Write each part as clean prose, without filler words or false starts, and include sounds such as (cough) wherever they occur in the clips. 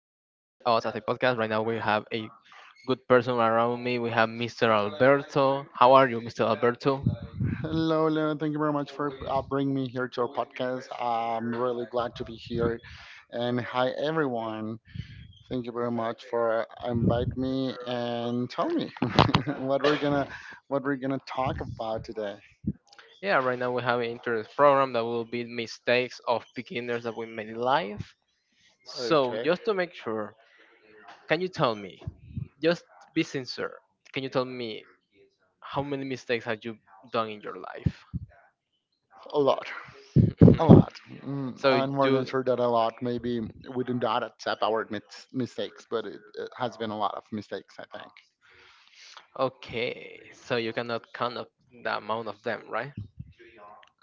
us as a podcast. Right now, we have a good person around me. We have Mr. Alberto. How are you, Mr. Alberto? Hello, Leon. Thank you very much for bringing me here to your podcast. I'm really glad to be here. And hi, everyone. Thank you very much for invite me and tell me (laughs) what we're gonna what we're gonna talk about today. Yeah, right now we have an interest program that will be mistakes of beginners that we made in life. So, Okay, just to make sure, can you tell me, just be sincere, can you tell me how many mistakes have you done in your life? a lot, a lot. (laughs) So I'm more you than sure that a lot. Maybe we do not accept our mistakes, but it has been a lot of mistakes, I think. Okay, so you cannot count up the amount of them, right?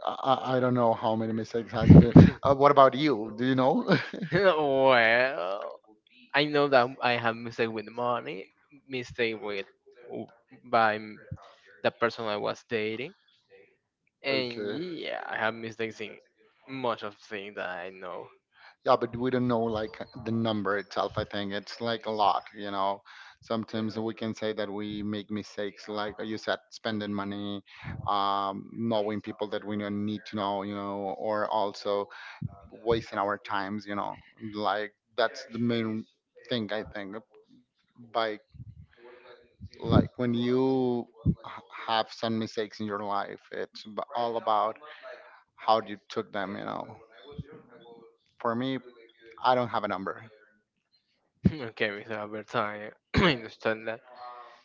I don't know how many mistakes has been. (laughs) What about you? Do you know? (laughs) Well, I know that I have mistake with money, mistake with w- by m- the person I was dating, Okay. and yeah, I have mistakes in much of things that I know. Yeah, but we don't know like the number itself. I think it's like a lot, you know. Sometimes we can say that we make mistakes, like you said, spending money, knowing people that we don't need to know, you know, or also wasting our times, you know. Like that's the main thing I think by like when you have some mistakes in your life it's all about how you took them, you know. For me, I don't have a number. (clears throat) Okay, Mr. Albert, I (clears throat) understand that.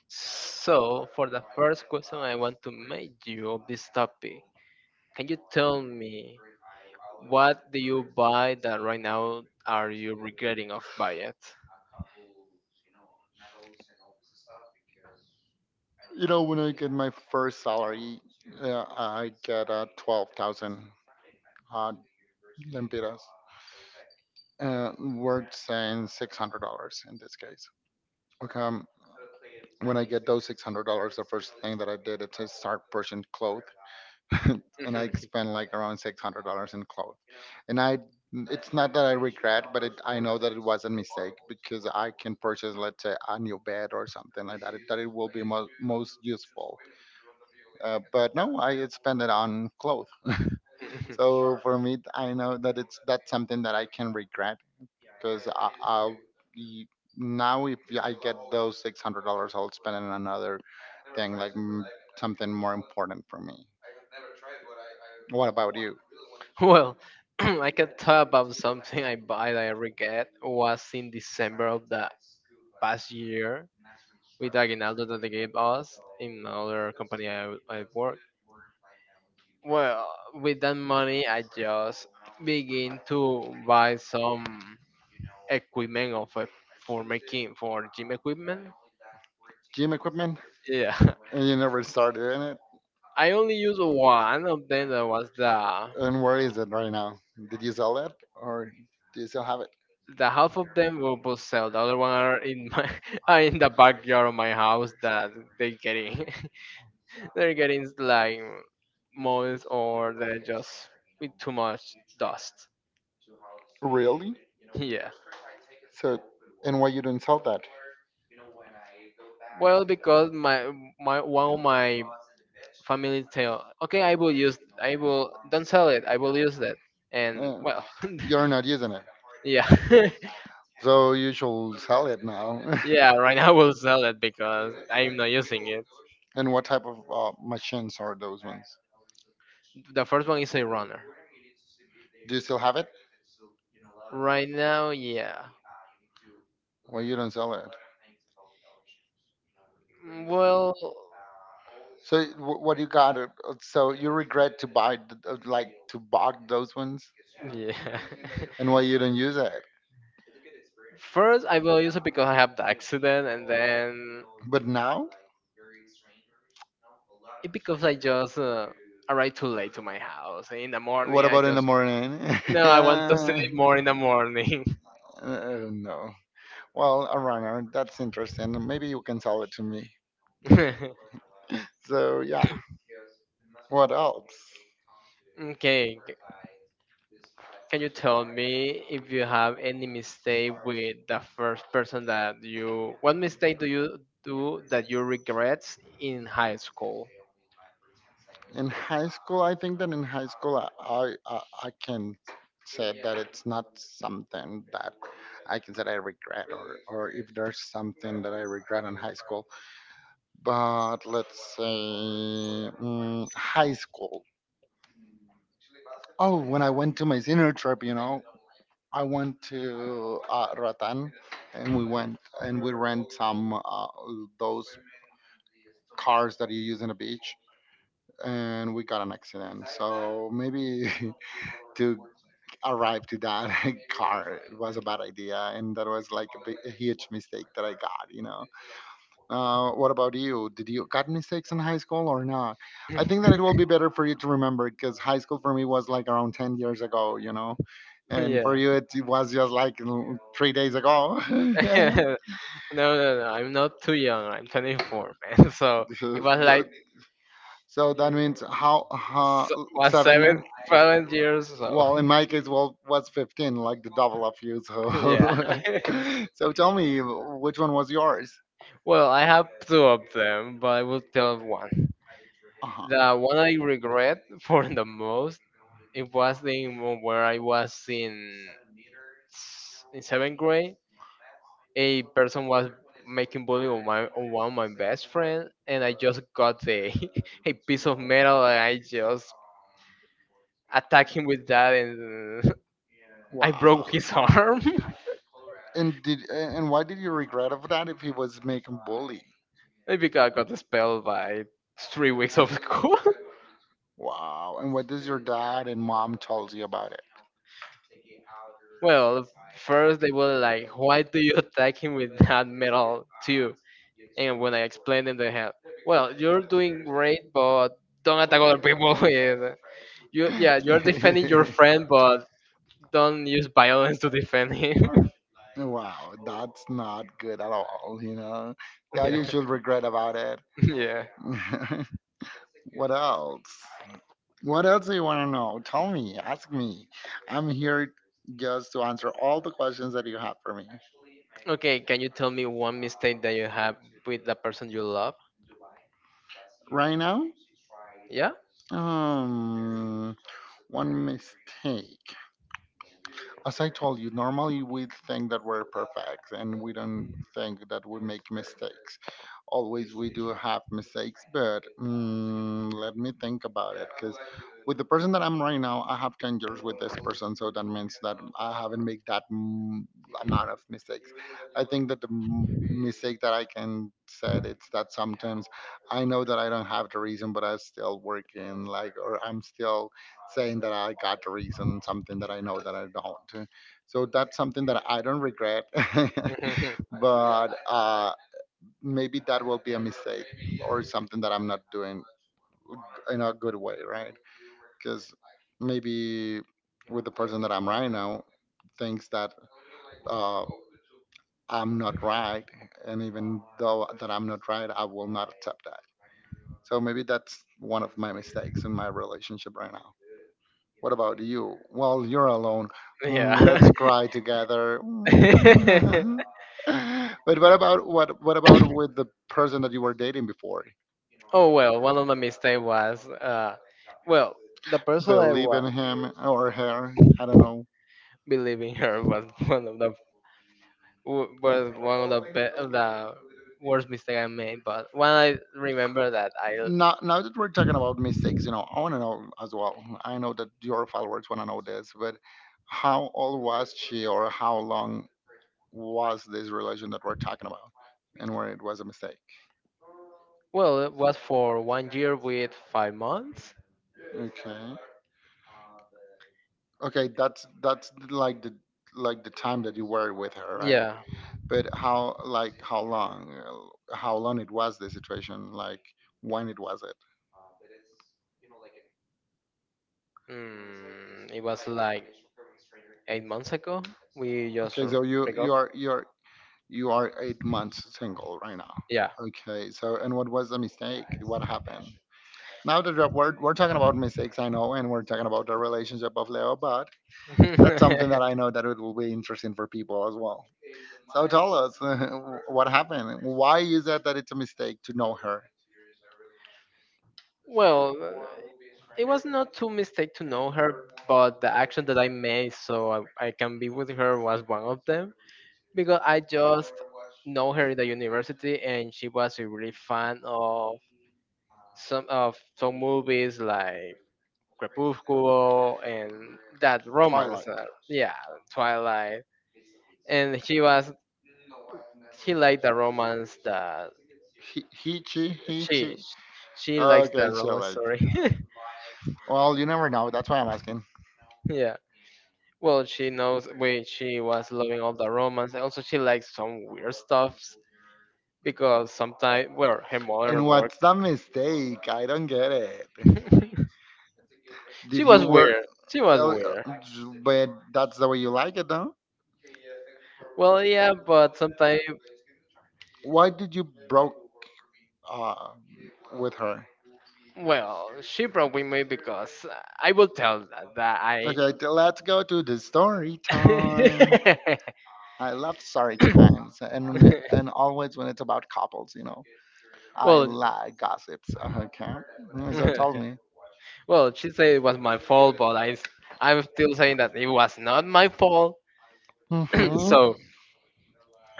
So, for the first question I want to make you of this topic, can you tell me what do you buy that right now are you regretting of buy it? You know, when I get my first salary, I get 12,000 uh, lempiras, uh, worth saying $600 in this case. Okay. When I get those $600, the first thing that I did is to start purchasing clothes, (laughs) and I spent like around $600 in clothes. And it's not that I regret, but it, I know that it was a mistake because I can purchase, let's say, a new bed or something like that. That it will be most useful. But no, I spend it on clothes. So for (laughs) me, I know that it's that's something that I can regret because I'll be, now if I get those $600, I'll spend it on another thing like something more important for me. What about you? (laughs) Well, (clears throat) I can talk about something I buy that I regret. Was in December of the past year with Aguinaldo that they gave us in another company I work. Well, with that money, I just begin to buy some equipment of a, for making for gym equipment. Gym equipment? Yeah, And you never started in it. (laughs) I only use one of them that was And where is it right now? Did you sell it or do you still have it? the half of them will both sell. The other one are in my (laughs) are in the backyard of my house that they getting (laughs) they're getting like moles, or they're just with too much dust. (laughs) Really? Yeah. So, and why you don't sell that? Well, because my one of my family tell, okay, I will use, I will don't sell it, I will use that, and Uh, well, you're not using it. (laughs) yeah, (laughs) So you should sell it now. (laughs) yeah, right now (laughs) we will sell it because I'm not using it. And what type of machines are those ones? The first one is a runner. Do you still have it? Right now, yeah. Why you don't sell it? Well, So what you got? So you regret to buy, like to bug those ones, yeah. and (laughs) why you don't use it? First, I will use it because I have the accident, and then But now, it because I just arrived too late to my house. In the morning, what I about in the just morning? no. I want to sleep (laughs) more in the morning. No. Well, a runner. That's interesting. Maybe you can tell it to me. (laughs) So yeah. What else? Okay. Can you tell me if you have any mistake with the first person that you? What mistake do you do that you regret in high school? In high school, I think that in high school, I can say that it's not something that I can say I regret, or if there's something that I regret in high school. But let's say high school. Oh, when I went to my senior trip, you know, I went to Ratan and we went and we rent some those cars that you use in the beach and we got an accident. So maybe (laughs) to arrive to that (laughs) car was a bad idea and that was like a, big, a huge mistake that I got, you know. What about you? Did you got mistakes in high school or not? I think that it will be (laughs) better for you to remember because high school for me was like around 10 years ago, you know, and for Yeah. you it, was just like 3 days ago. (laughs) (laughs) No, no, no. I'm not too young. I'm 24, man. (laughs) So it was like So that means how s- was 7 years? seven, (laughs) 7 years. So Well, in my case, well, was 15, like the double of you. So, (laughs) yeah. (laughs) (laughs) so tell me which one was yours? Well, I have two of them, but I will tell one. Uh-huh. The one I regret (laughs) for the most, it was the moment where I was in in seventh grade. A person was making bullying on my on one of my best friend, and I just got the (laughs) a piece of metal and I just attacked him with that, and (laughs) I Wow. broke his arm (laughs) And did and why did you regret of that if he was making bully? because I got expelled by 3 weeks of school. (laughs) Wow. And what does your dad and mom tells you about it? Well, first they were like, "Why do you attack him with that metal tube?" And when I explained them, they had, "Well, you're doing great, but don't attack other people (laughs) with you. Yeah, you're defending your (laughs) friend, but don't use violence to defend him." Wow, that's not good at all, you know. (laughs) Yeah, Yeah, you should regret about it. yeah. (laughs) What else? What else do you want to know? Tell me, ask me. I'm here just to answer all the questions that you have for me. Okay, can you tell me one mistake that you have with the person you love? Right now? Yeah. Um, One mistake. As I told you, normally we think that we're perfect and we don't think that we make mistakes. Always we do have mistakes, but let me think about it because with the person that I'm right now I have 10 years with this person, so that means that I haven't made that amount of mistakes. I think that the mistake that I can say it's that sometimes I know that I don't have the reason but I'm still working like or I'm still saying that I got the reason, something that I know that I don't. So that's something that I don't regret. (laughs) (laughs) But maybe that will be a mistake or something that I'm not doing in a good way, right? Because maybe with the person that I'm right now thinks that uh, I'm not right, and even though that I'm not right, I will not accept that. So maybe that's one of my mistakes in my relationship right now. What about you? Well, you're alone. Yeah. Let's cry together. (laughs) (laughs) But what about what about with the person that you were dating before? Oh well, one of the mistake was, well, the person I Believe in was him or her. I don't know. believing her was (laughs) one of the w- was one of the be- of the worst mistake I made. But when I remember that I Now, now that we're talking about mistakes, you know, I want to know as well. I know that your followers want to know this, but how old was she or how long was this relation that we're talking about and where it was a mistake? well, it was for 1 year with 5 months. Okay. Okay, that's like the time that you were with her, right? Yeah, But how like how long it was the situation like when it was. mm, it was like 8 months ago. We just Okay, so break up. You are 8 months single right now. Yeah. Okay, so and what was the mistake? What happened? Now that we're talking about mistakes, I know, and we're talking about the relationship of Leo, but that's something (laughs) that I know that it will be interesting for people as well. So tell us (laughs) what happened. Why is it that it's a mistake to know her? Well, it was not too mistake to know her, but the action that I made so I can be with her was one of them, because I just know her in the university and she was a really fan of some movies like Crepúsculo and that romance, Twilight. Yeah, Twilight, and she was she liked the romance that He she. she she likes the Okay, romance Chile. story. (laughs) Well, you never know. That's why I'm asking. Yeah. Well, she knows wait, she was loving all the romance. And also, she likes some weird stuffs because sometimes, well, her mother And what's worked. the mistake? I don't get it. (laughs) She Did you was were, weird. She was Oh, weird. But that's the way you like it, though. Well, yeah, but sometimes, Why did you broke uh, with her? well, she broke with me because I will tell that, that I. Okay, let's go to the story time. (laughs) (laughs) I love story times, and always when it's about couples, you know. I Well, like gossips. Okay. So tell (laughs) me. well, she said it was my fault, but I'm still saying that it was not my fault. hmm (clears throat) hmm So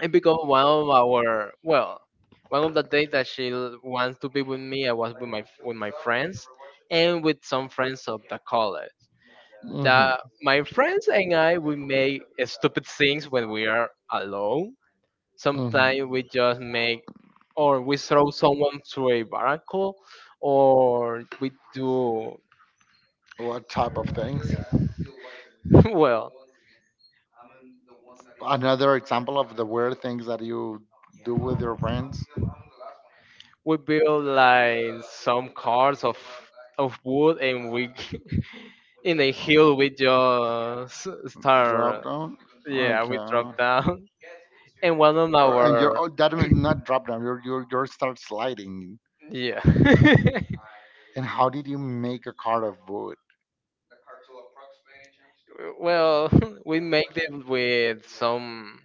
it became one of our well, one of the days that she wants to be with me. I was with my with my friends and with some friends of the college. That my friends and I we make stupid things when we are alone. hmm. Sometimes we just make or we throw someone through a barnacle, or we do What type of things? (laughs) well, Another example of the weird things that you do with your friends? we build like some cars of wood, and we (laughs) in a hill we just Drop start. down? Yeah, we drop Okay. down, (laughs) and one of Or, and you're our oh, that mean not drop down. You're you start sliding. yeah. And how did you make a card of wood (laughs) Well, (laughs) we make them with some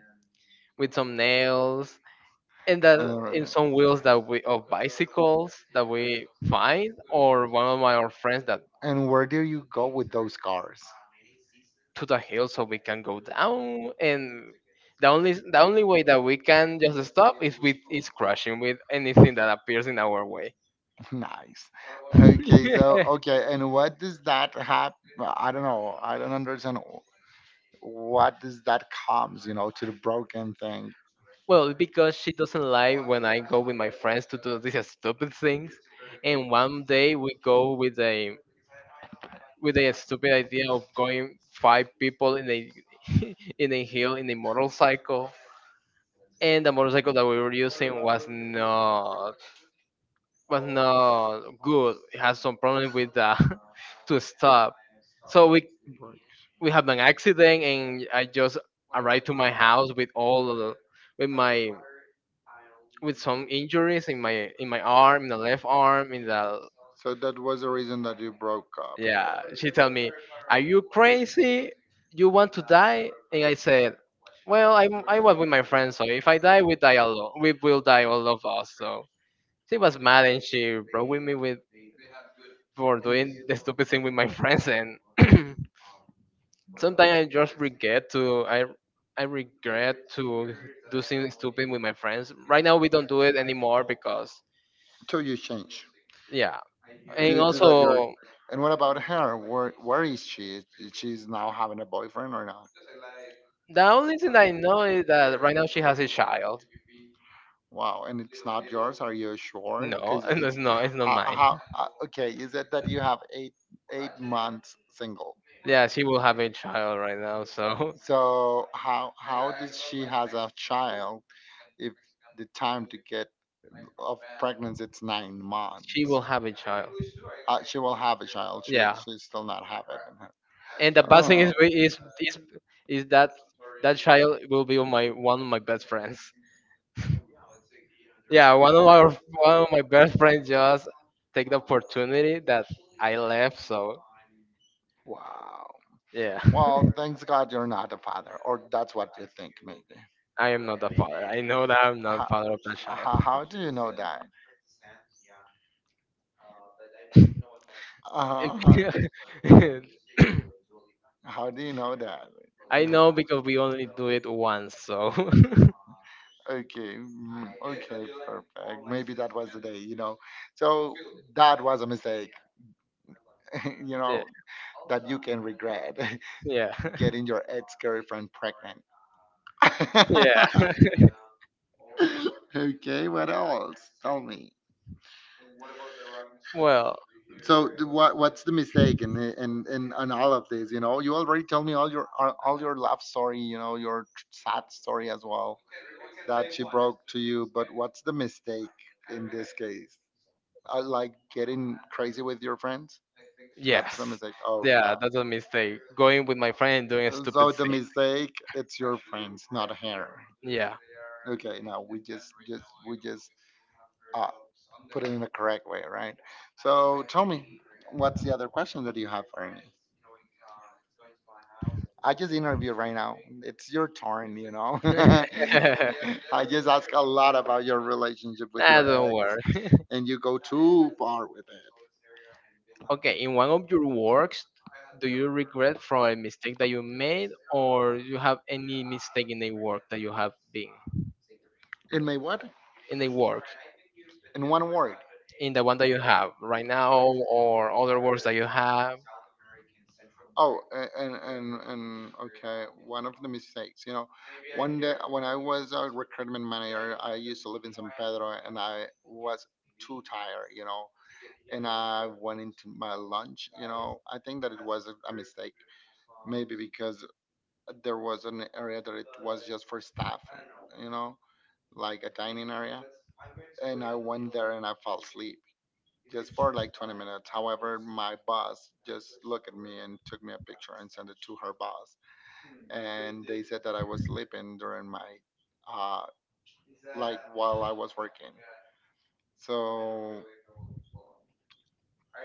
with some nails and that and in everything? some wheels that we of bicycles that we find or one of my our friends that And where do you go with those cars? to the hill so we can go down and the only way that we can just stop is with is crashing with anything that appears in our way. (laughs) Nice. Okay, (laughs) so okay, and what does that have? I don't know. I don't understand what does that comes, you know, to the broken thing. Well, because she doesn't like when I go with my friends to do these stupid things, and one day we go with a stupid idea of going five people in a (laughs) in a hill in a motorcycle, and the motorcycle that we were using was not good. It had some problem with the (laughs) to stop. So Right. we had an accident, and I just arrived to my house with all of the, with my with some injuries in my arm, in the left arm, in the So that was the reason that you broke up. yeah. She told me, "Are you crazy? You want to die?" And I said. Well, I was with my friends, so if I die, we die alone. We will die all of us. So she was mad and she broke with me with for doing the stupid thing with my (laughs) friends, and (clears throat) sometimes I just regret to I regret to do things stupid with my friends. Right now we don't do it anymore because So you change. yeah. And Due to that, you're. also And what about her? Where is she? Is- She's now having a boyfriend or not? the only thing I know is that right now she has a child. Wow, and it's not yours? Are you sure? No, Because (laughs) and it's it's not mine. how okay, you said that you have eight months single. Yeah, she will have a child right now, so So how does she has a child if the time to get of pregnancy it's nine (laughs) months? she will have a child. She will have a child. She Yeah, she's still not having. and It. the bad Oh. thing is is that that child will be my one of my best friends. Yeah, one of my best friends just take the opportunity that I left. So Wow. yeah, Well, thanks God you're not a father, or that's what you think, maybe. I am not the father. I know that I'm not How, father of the child. how do you know that? Uh-huh. uh-huh. If- (laughs) How do you know that? I Yeah, know because we only do it once. So okay, okay, perfect. Maybe that was the day, you know. So that was a mistake, (laughs) you (laughs) yeah, know, that you can regret yeah, (laughs) getting your ex-girlfriend pregnant. yeah. (laughs) Okay, what else? Tell me. Well, So what what's the mistake in in all of this? You know, you already told me all your all your love story. You know, your sad story as well that she broke to you. But what's the mistake in this case? Like getting crazy with your friends. That's the yes, Yes. mistake. Okay. Yeah. yeah. That's a mistake. Going with my friend and doing a stupid So the thing. mistake it's your friends, not her. Yeah. Okay. Now we just uh, put it in the correct way, right? So tell me, what's the other question that you have for me? I just interview right now. It's your turn, you know. (laughs) (laughs) I just ask a lot about your relationship with your Ah, don't ex, worry. and you go too far with it. Okay, in one of your works, do you regret from a mistake that you made, or you have any mistake in a work that you have been In my what? in a work, In one word. in the one that you have right now, or other works that you have? Oh, and okay, one of the mistakes, one day when I was a recruitment manager, I used to live in San Pedro, and I was too tired, and I went into my lunch. I think that it was a mistake, maybe because there was an area that it was just for staff, you know, like a dining area, and I went there and I fell asleep just for like 20 minutes. However, my boss just looked at me and took me a picture and sent it to her boss. And they said that I was sleeping during uh, like while I was working. So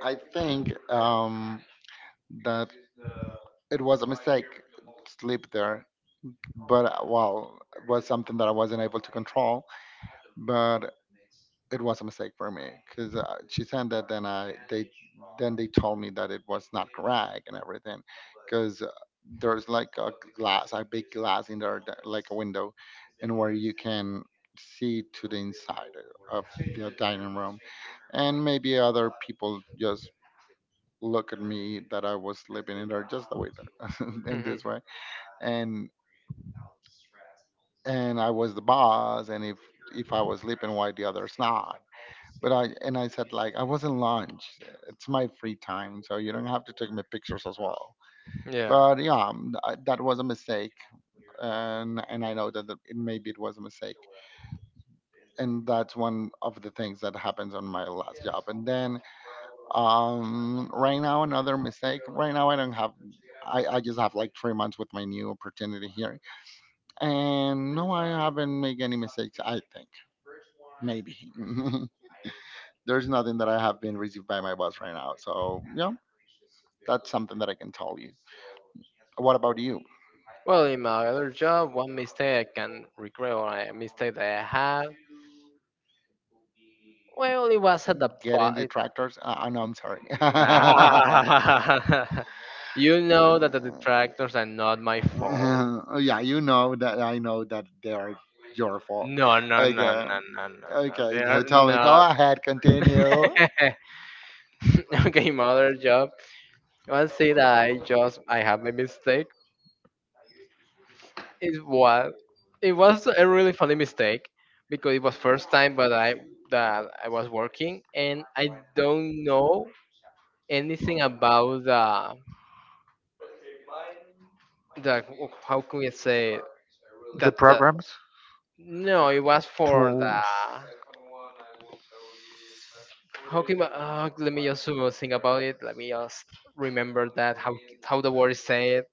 I think that it was a mistake to sleep there, but well, it was something that I wasn't able to control. But it was a mistake for me because she sent that then I they then they told me that it was not correct and everything because there's like a big glass in there like a window and where you can see to the inside of the dining room and maybe other people just look at me that I was sleeping in there just the way that (laughs) in Mhm. this way and and I was the boss and if I was sleeping why the others not. But I said like I was not lunch. It's my free time, so you don't have to take my pictures as well. Yeah. But yeah, that was a mistake, and I know that maybe it was a mistake, and that's one of the things that happens on my last job. And then right now another mistake. Right now I don't have. I just have like 3 months with my new opportunity here, and no, I haven't made any mistakes. I think maybe. (laughs) There's nothing that I have been received by my boss right now. So yeah, that's something that I can tell you. What about you? Well, in my other job, one mistake I can regret or a mistake that I have. Well, it was at the Getting the tractors? No, I'm sorry. (laughs) (laughs) you know that the detractors are not my fault. Yeah, you know that I know that they are your fault. No, no, no, Okay, no, no, no, no. okay. They So are tell me, go not. ahead, continue. (laughs) Okay, my other job. One thing that I just I have my mistake. It was it was a really funny mistake because it was first time, but I that I was working and I don't know anything about the the how can we say it? The That the, programs, no it was for the tools. how can let me just think about it, let me just remember that how the word is said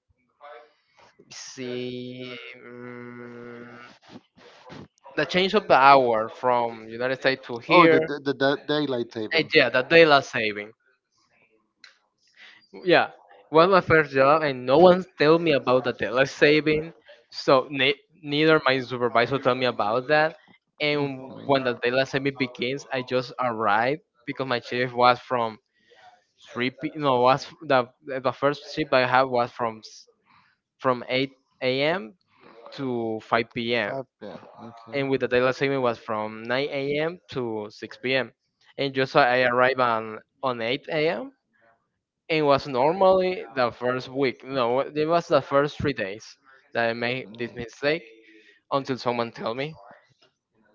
see mm, the change of the hour from United States to Oh, here. the daylight Eh, saving. yeah, the daylight saving, yeah. Well, my first job and no one tell me about the daylight saving, so neither my supervisor tell me about that. And when the Mhm. daylight saving begins, I just arrived because my shift was from 3 p no was the first shift I had was from from 8 a.m. to 5 p.m., Five p.m. and Okay. with the daylight saving was from 9 a.m. to 6 p.m. And just I arrived on 8 a.m., and was normally the first week. No, it was the first 3 days that I made this mistake until someone tell me.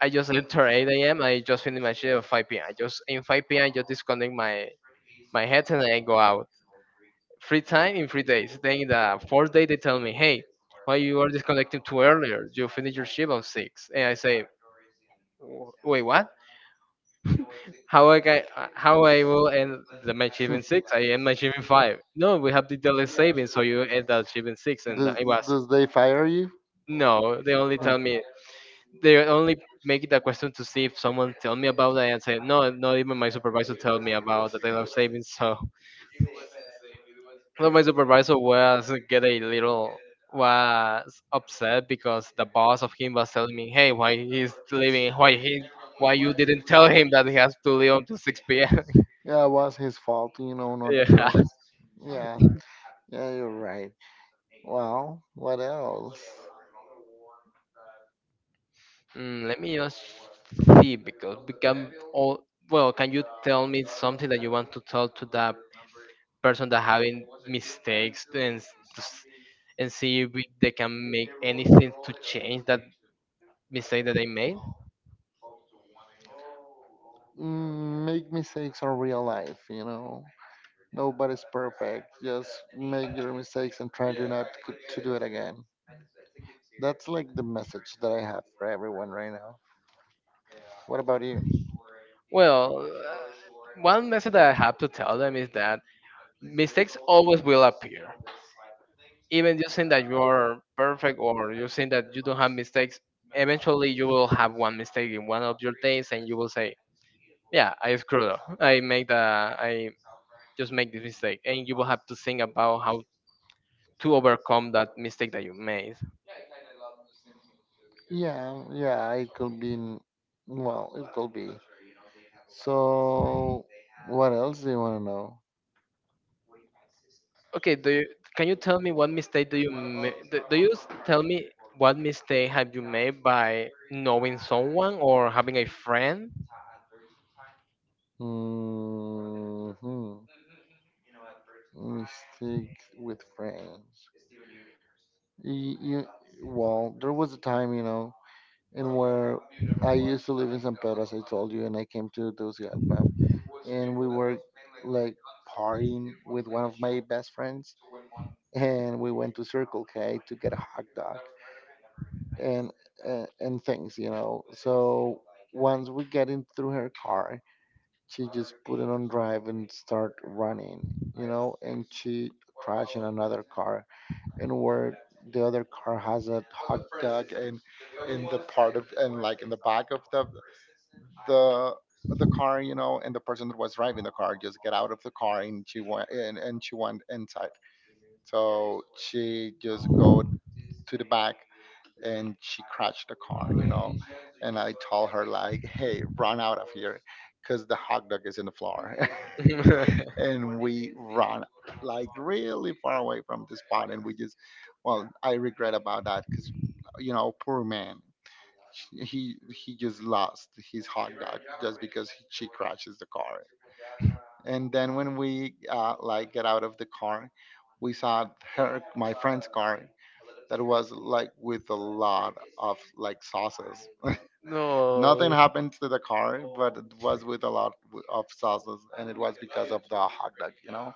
I just enter 8 a.m. I just finish my shift at 5 p.m. I just in 5 p.m. I just disconnect my head and I go out. Free time in 3 days. Then in the fourth day they tell me, hey, why you are disconnecting too earlier? You finish your shift on six. And I say, "Wait, what? How (laughs) I will end the my achievement six? I end my achievement five. No, we have the daily savings, so you end the achievement six, and Does it was does they fire you? no. They only tell Okay. me they only make it a question to see if someone tell me about that and say no, not even my supervisor tell me about the daily savings. So (laughs) no, my supervisor was get a little was upset because the boss of him was telling me, hey, why he's leaving? Why he? Why you didn't tell him that he has to leave until 6 p.m. Yeah, it was his fault, you know, not (laughs) Yeah. yours. Yeah, yeah, you're right. Well, what else? Let me just see because become all well. Can you tell me something that you want to tell to that person that having mistakes and s- to s- and see if they can make anything to change that mistake that they made? Mm, make mistakes on real life, you know. Nobody's perfect. Just make your mistakes and try to not co- to do it again. That's like the message that I have for everyone right now. What about you? Well, one message that I have to tell them is that mistakes always will appear. Even you think that you are perfect or you think that you don't have mistakes, eventually you will have one mistake in one of your days and you will say, yeah, I screwed up. I made the I just make this mistake and you will have to think about how to overcome that mistake that you made. Yeah, yeah, it could be. Well, it could be. So, what else do you want to know? Okay, can you tell me what mistake do you ma- do do you s- tell me what mistake have you made by knowing someone or having a friend? Hmm. Mistakes with friends. You, you, well, there was a time, And where I used to live in San Pedro, as I told you, and I came to Tegucigalpa, and we were like partying with one of my best friends, and we went to Circle K to get a hot dog and and things, you know. So once we get in through her car, she just put it on drive and start running, you know, and she crashed in another car and where the other car has a hot dog and in the part of and like in the back of the the car, you know, and the person that was driving the car just get out of the car and she went and she went inside. So she just go to the back and she crashed the car, you know, and I told her like, "Hey, run out of here, because the hot dog is in the floor." (laughs) (laughs) And we run like really far away from the spot, and we just, well, I regret about that because, you know, poor man, he just lost his hot dog just because she crashes the car. And then when we like get out of the car, we saw her, my friend's car, that was like with a lot of like sauces. No. Nothing happened to the car, but it was with a lot of sauces, and it was because of the hot dog. You know.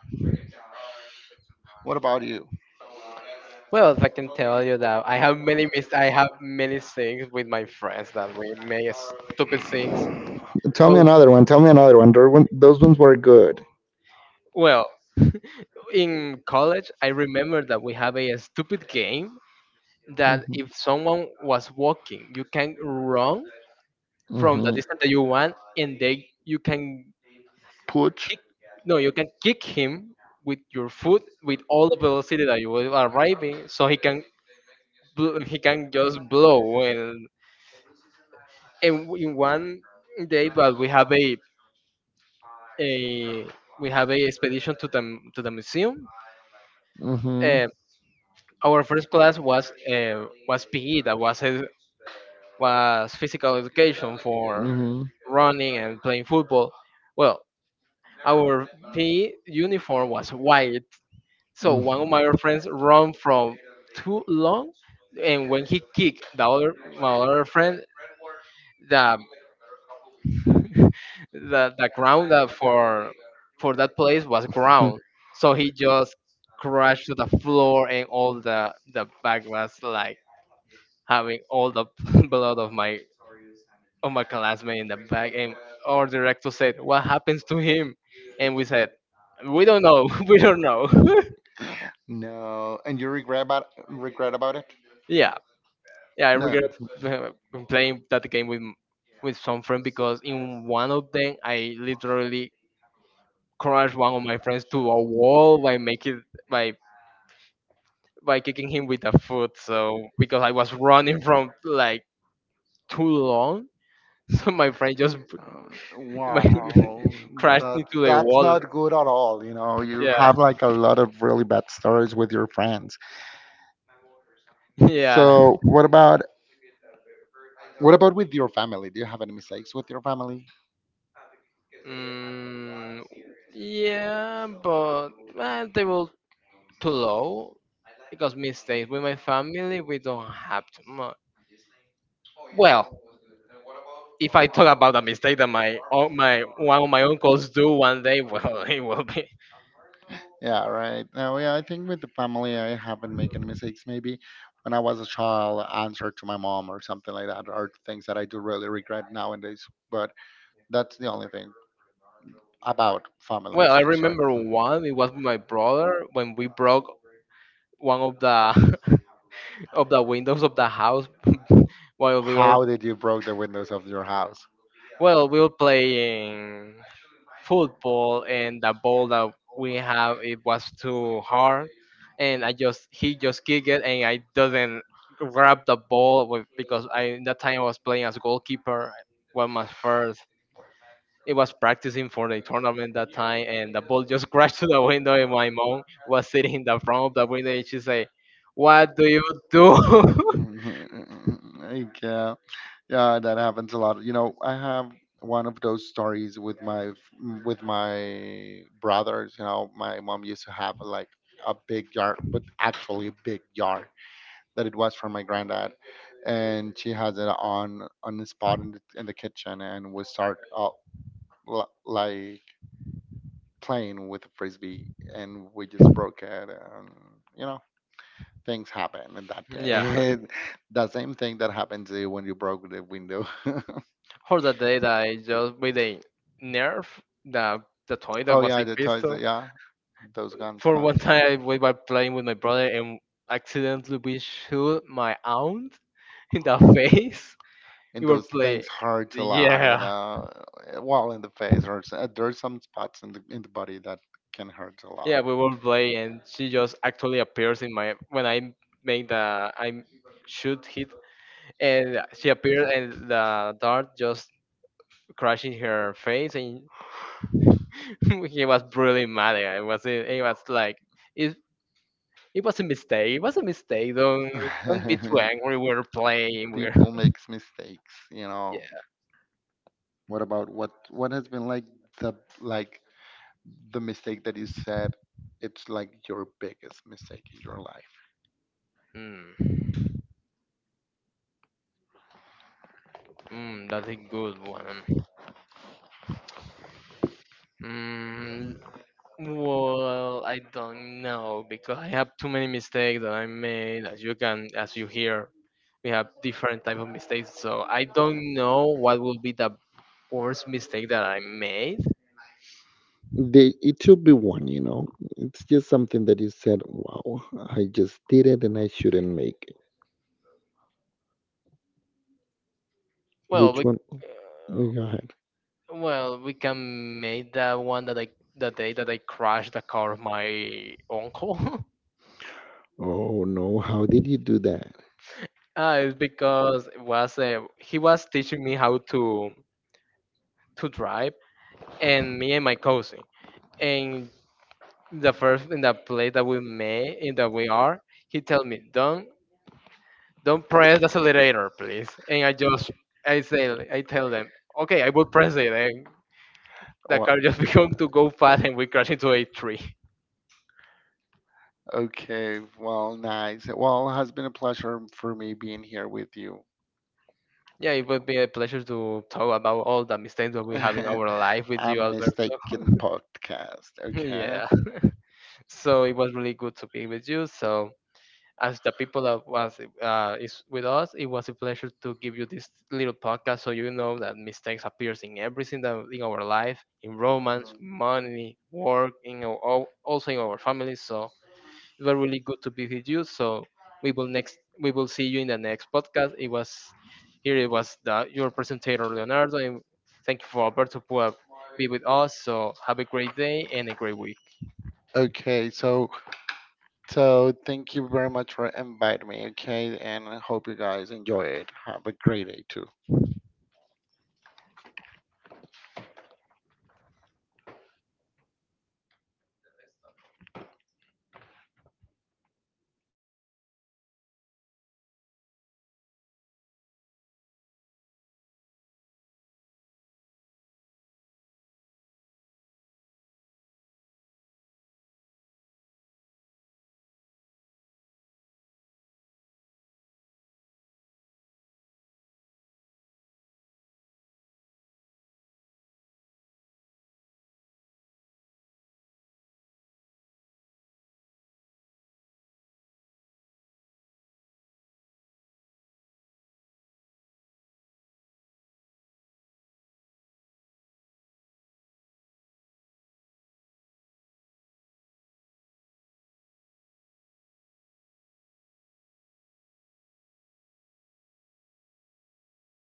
What about you? Well, if I can tell you that I have many things with my friends that we make stupid things. Tell me Oh, another one. Tell me another one. Those ones were good. well, in college, I remember that we have a stupid game that Mhm. if someone was walking, you can run from the Mhm. distance that you want, and they you can Pooch. kick, no, you can kick him with your foot with all the velocity that you will arriving, so he can just blow and in one day but a we have a expedition to the museum. Mhm. uh, our first class was pe that was physical education for Mhm. running and playing football. Well, our pe uniform was white, Mhm. so one of my friends run from (laughs) too long, and when he kicked the other my other friend, the (laughs) the ground for that place was ground. So he just crashed to the floor and all the bag was like having all the (laughs) blood of my classmate in the bag, and our director said, what happens to him? And we said, we don't know, (laughs) we don't know. (laughs) No, and you regret about it? Yeah. Yeah, I No. regret uh, playing that game with some friend because in one of them I literally crushed one of my friends to a wall by making by by kicking him with a foot. So because I was running from like too long, (laughs) so my friend just (laughs) my Wow, (laughs) crashed that into the that's wall. not good at all. You know, you Yeah, have like a lot of really bad stories with your friends. yeah. So what about with your family? Do you have any mistakes with your family? Mm, yeah, but man, they were too low because mistakes with my family we don't have too much. Well, if I talk about a mistake that my one of my uncles do one day, well, (laughs) it will be. Yeah, right. No, yeah, I think with the family, I haven't made any mistakes. Maybe when I was a child, answer to my mom or something like that, are things that I do really regret nowadays. But that's the only thing about family Well, I mistakes, right? remember one. It was with my brother when we broke one of the (laughs) of the windows of the house, (laughs) while we were How did you broke the windows of your house? well we were playing football, and the ball that we have it was too hard, and I just he just kicked it and I didn't grab the ball with, because I that time I was playing as goalkeeper. Was my first, it was practicing for the tournament that time, and the ball just (laughs) crashed to the window, and my mom was sitting in the front of the window, and she said, what do you do? (laughs) Mhm. (laughs) Yeah, yeah, that happens a lot. You know, I have one of those stories with with my brothers. You know, my mom used to have like a big yard, but actually a big yard that it was from my granddad, and she has it on the spot in in the kitchen, and we start up like playing with a frisbee, and we just broke it, and you know. Things happen in that Yeah, day. (laughs) The same thing that happened to you when you broke the window. (laughs) for the day that I just with a nerf, the the toy that Oh was yeah, a the toys. pistol. Yeah, those guns For one time, we were playing with my brother, and accidentally we shoot my aunt (laughs) in the face. We and were those playing, things hurt a lot. You yeah. know, well in the face or there's some spots in the body that can hurt a lot. Yeah, we will play, and she just actually appears in my when I make the I shoot hit, and she appeared, and the dart just crashed in her face, and (laughs) he was really mad. I was it was like it it was a mistake. It was a mistake. Don't be too angry. We're (laughs) playing. We're People makes mistakes. You know. Yeah. What about what has been the like the mistake that you said it's like your biggest mistake in your life. Mm. That's a good one. Mm, well, I don't know because I have too many mistakes that I made, as you hear we have different type of mistakes, so I don't know what will be the worst mistake that I made. They, it should be one, you know. It's just something that you said, wow, I just did it and I shouldn't make it. well Which we one? Oh, uh, go ahead. well we can make that one that I the day that I crashed the car of my uncle. (laughs) Oh no, how did you do that? Ah, it's because it was he was teaching me how to drive, and me and my cousin, and the first in the play that we made in that we are he tell me, don't press the accelerator, please. And I tell them, okay, I will press it, and the Well, car just (laughs) began to go fast, and we crash into a tree. okay, well nice, well it has been a pleasure for me being here with you. Yeah, it would be a pleasure to talk about all the mistakes that we have in (laughs) our life with A you, Alberto. mistaken podcast, (laughs) okay. Yeah. (laughs) So it was really good to be with you. So as the people that was is with us, it was a pleasure to give you this little podcast so you know that mistakes appears in everything that in our life, in romance, money, work, also in our families. So it was really good to be with you. So we will see you in the next podcast. It was Here it was the your presenter Leonardo, and thank you for Alberto for be with us. So have a great day and a great week. Okay, so so thank you very much for inviting me. Okay, and I hope you guys enjoy it. Have a great day too.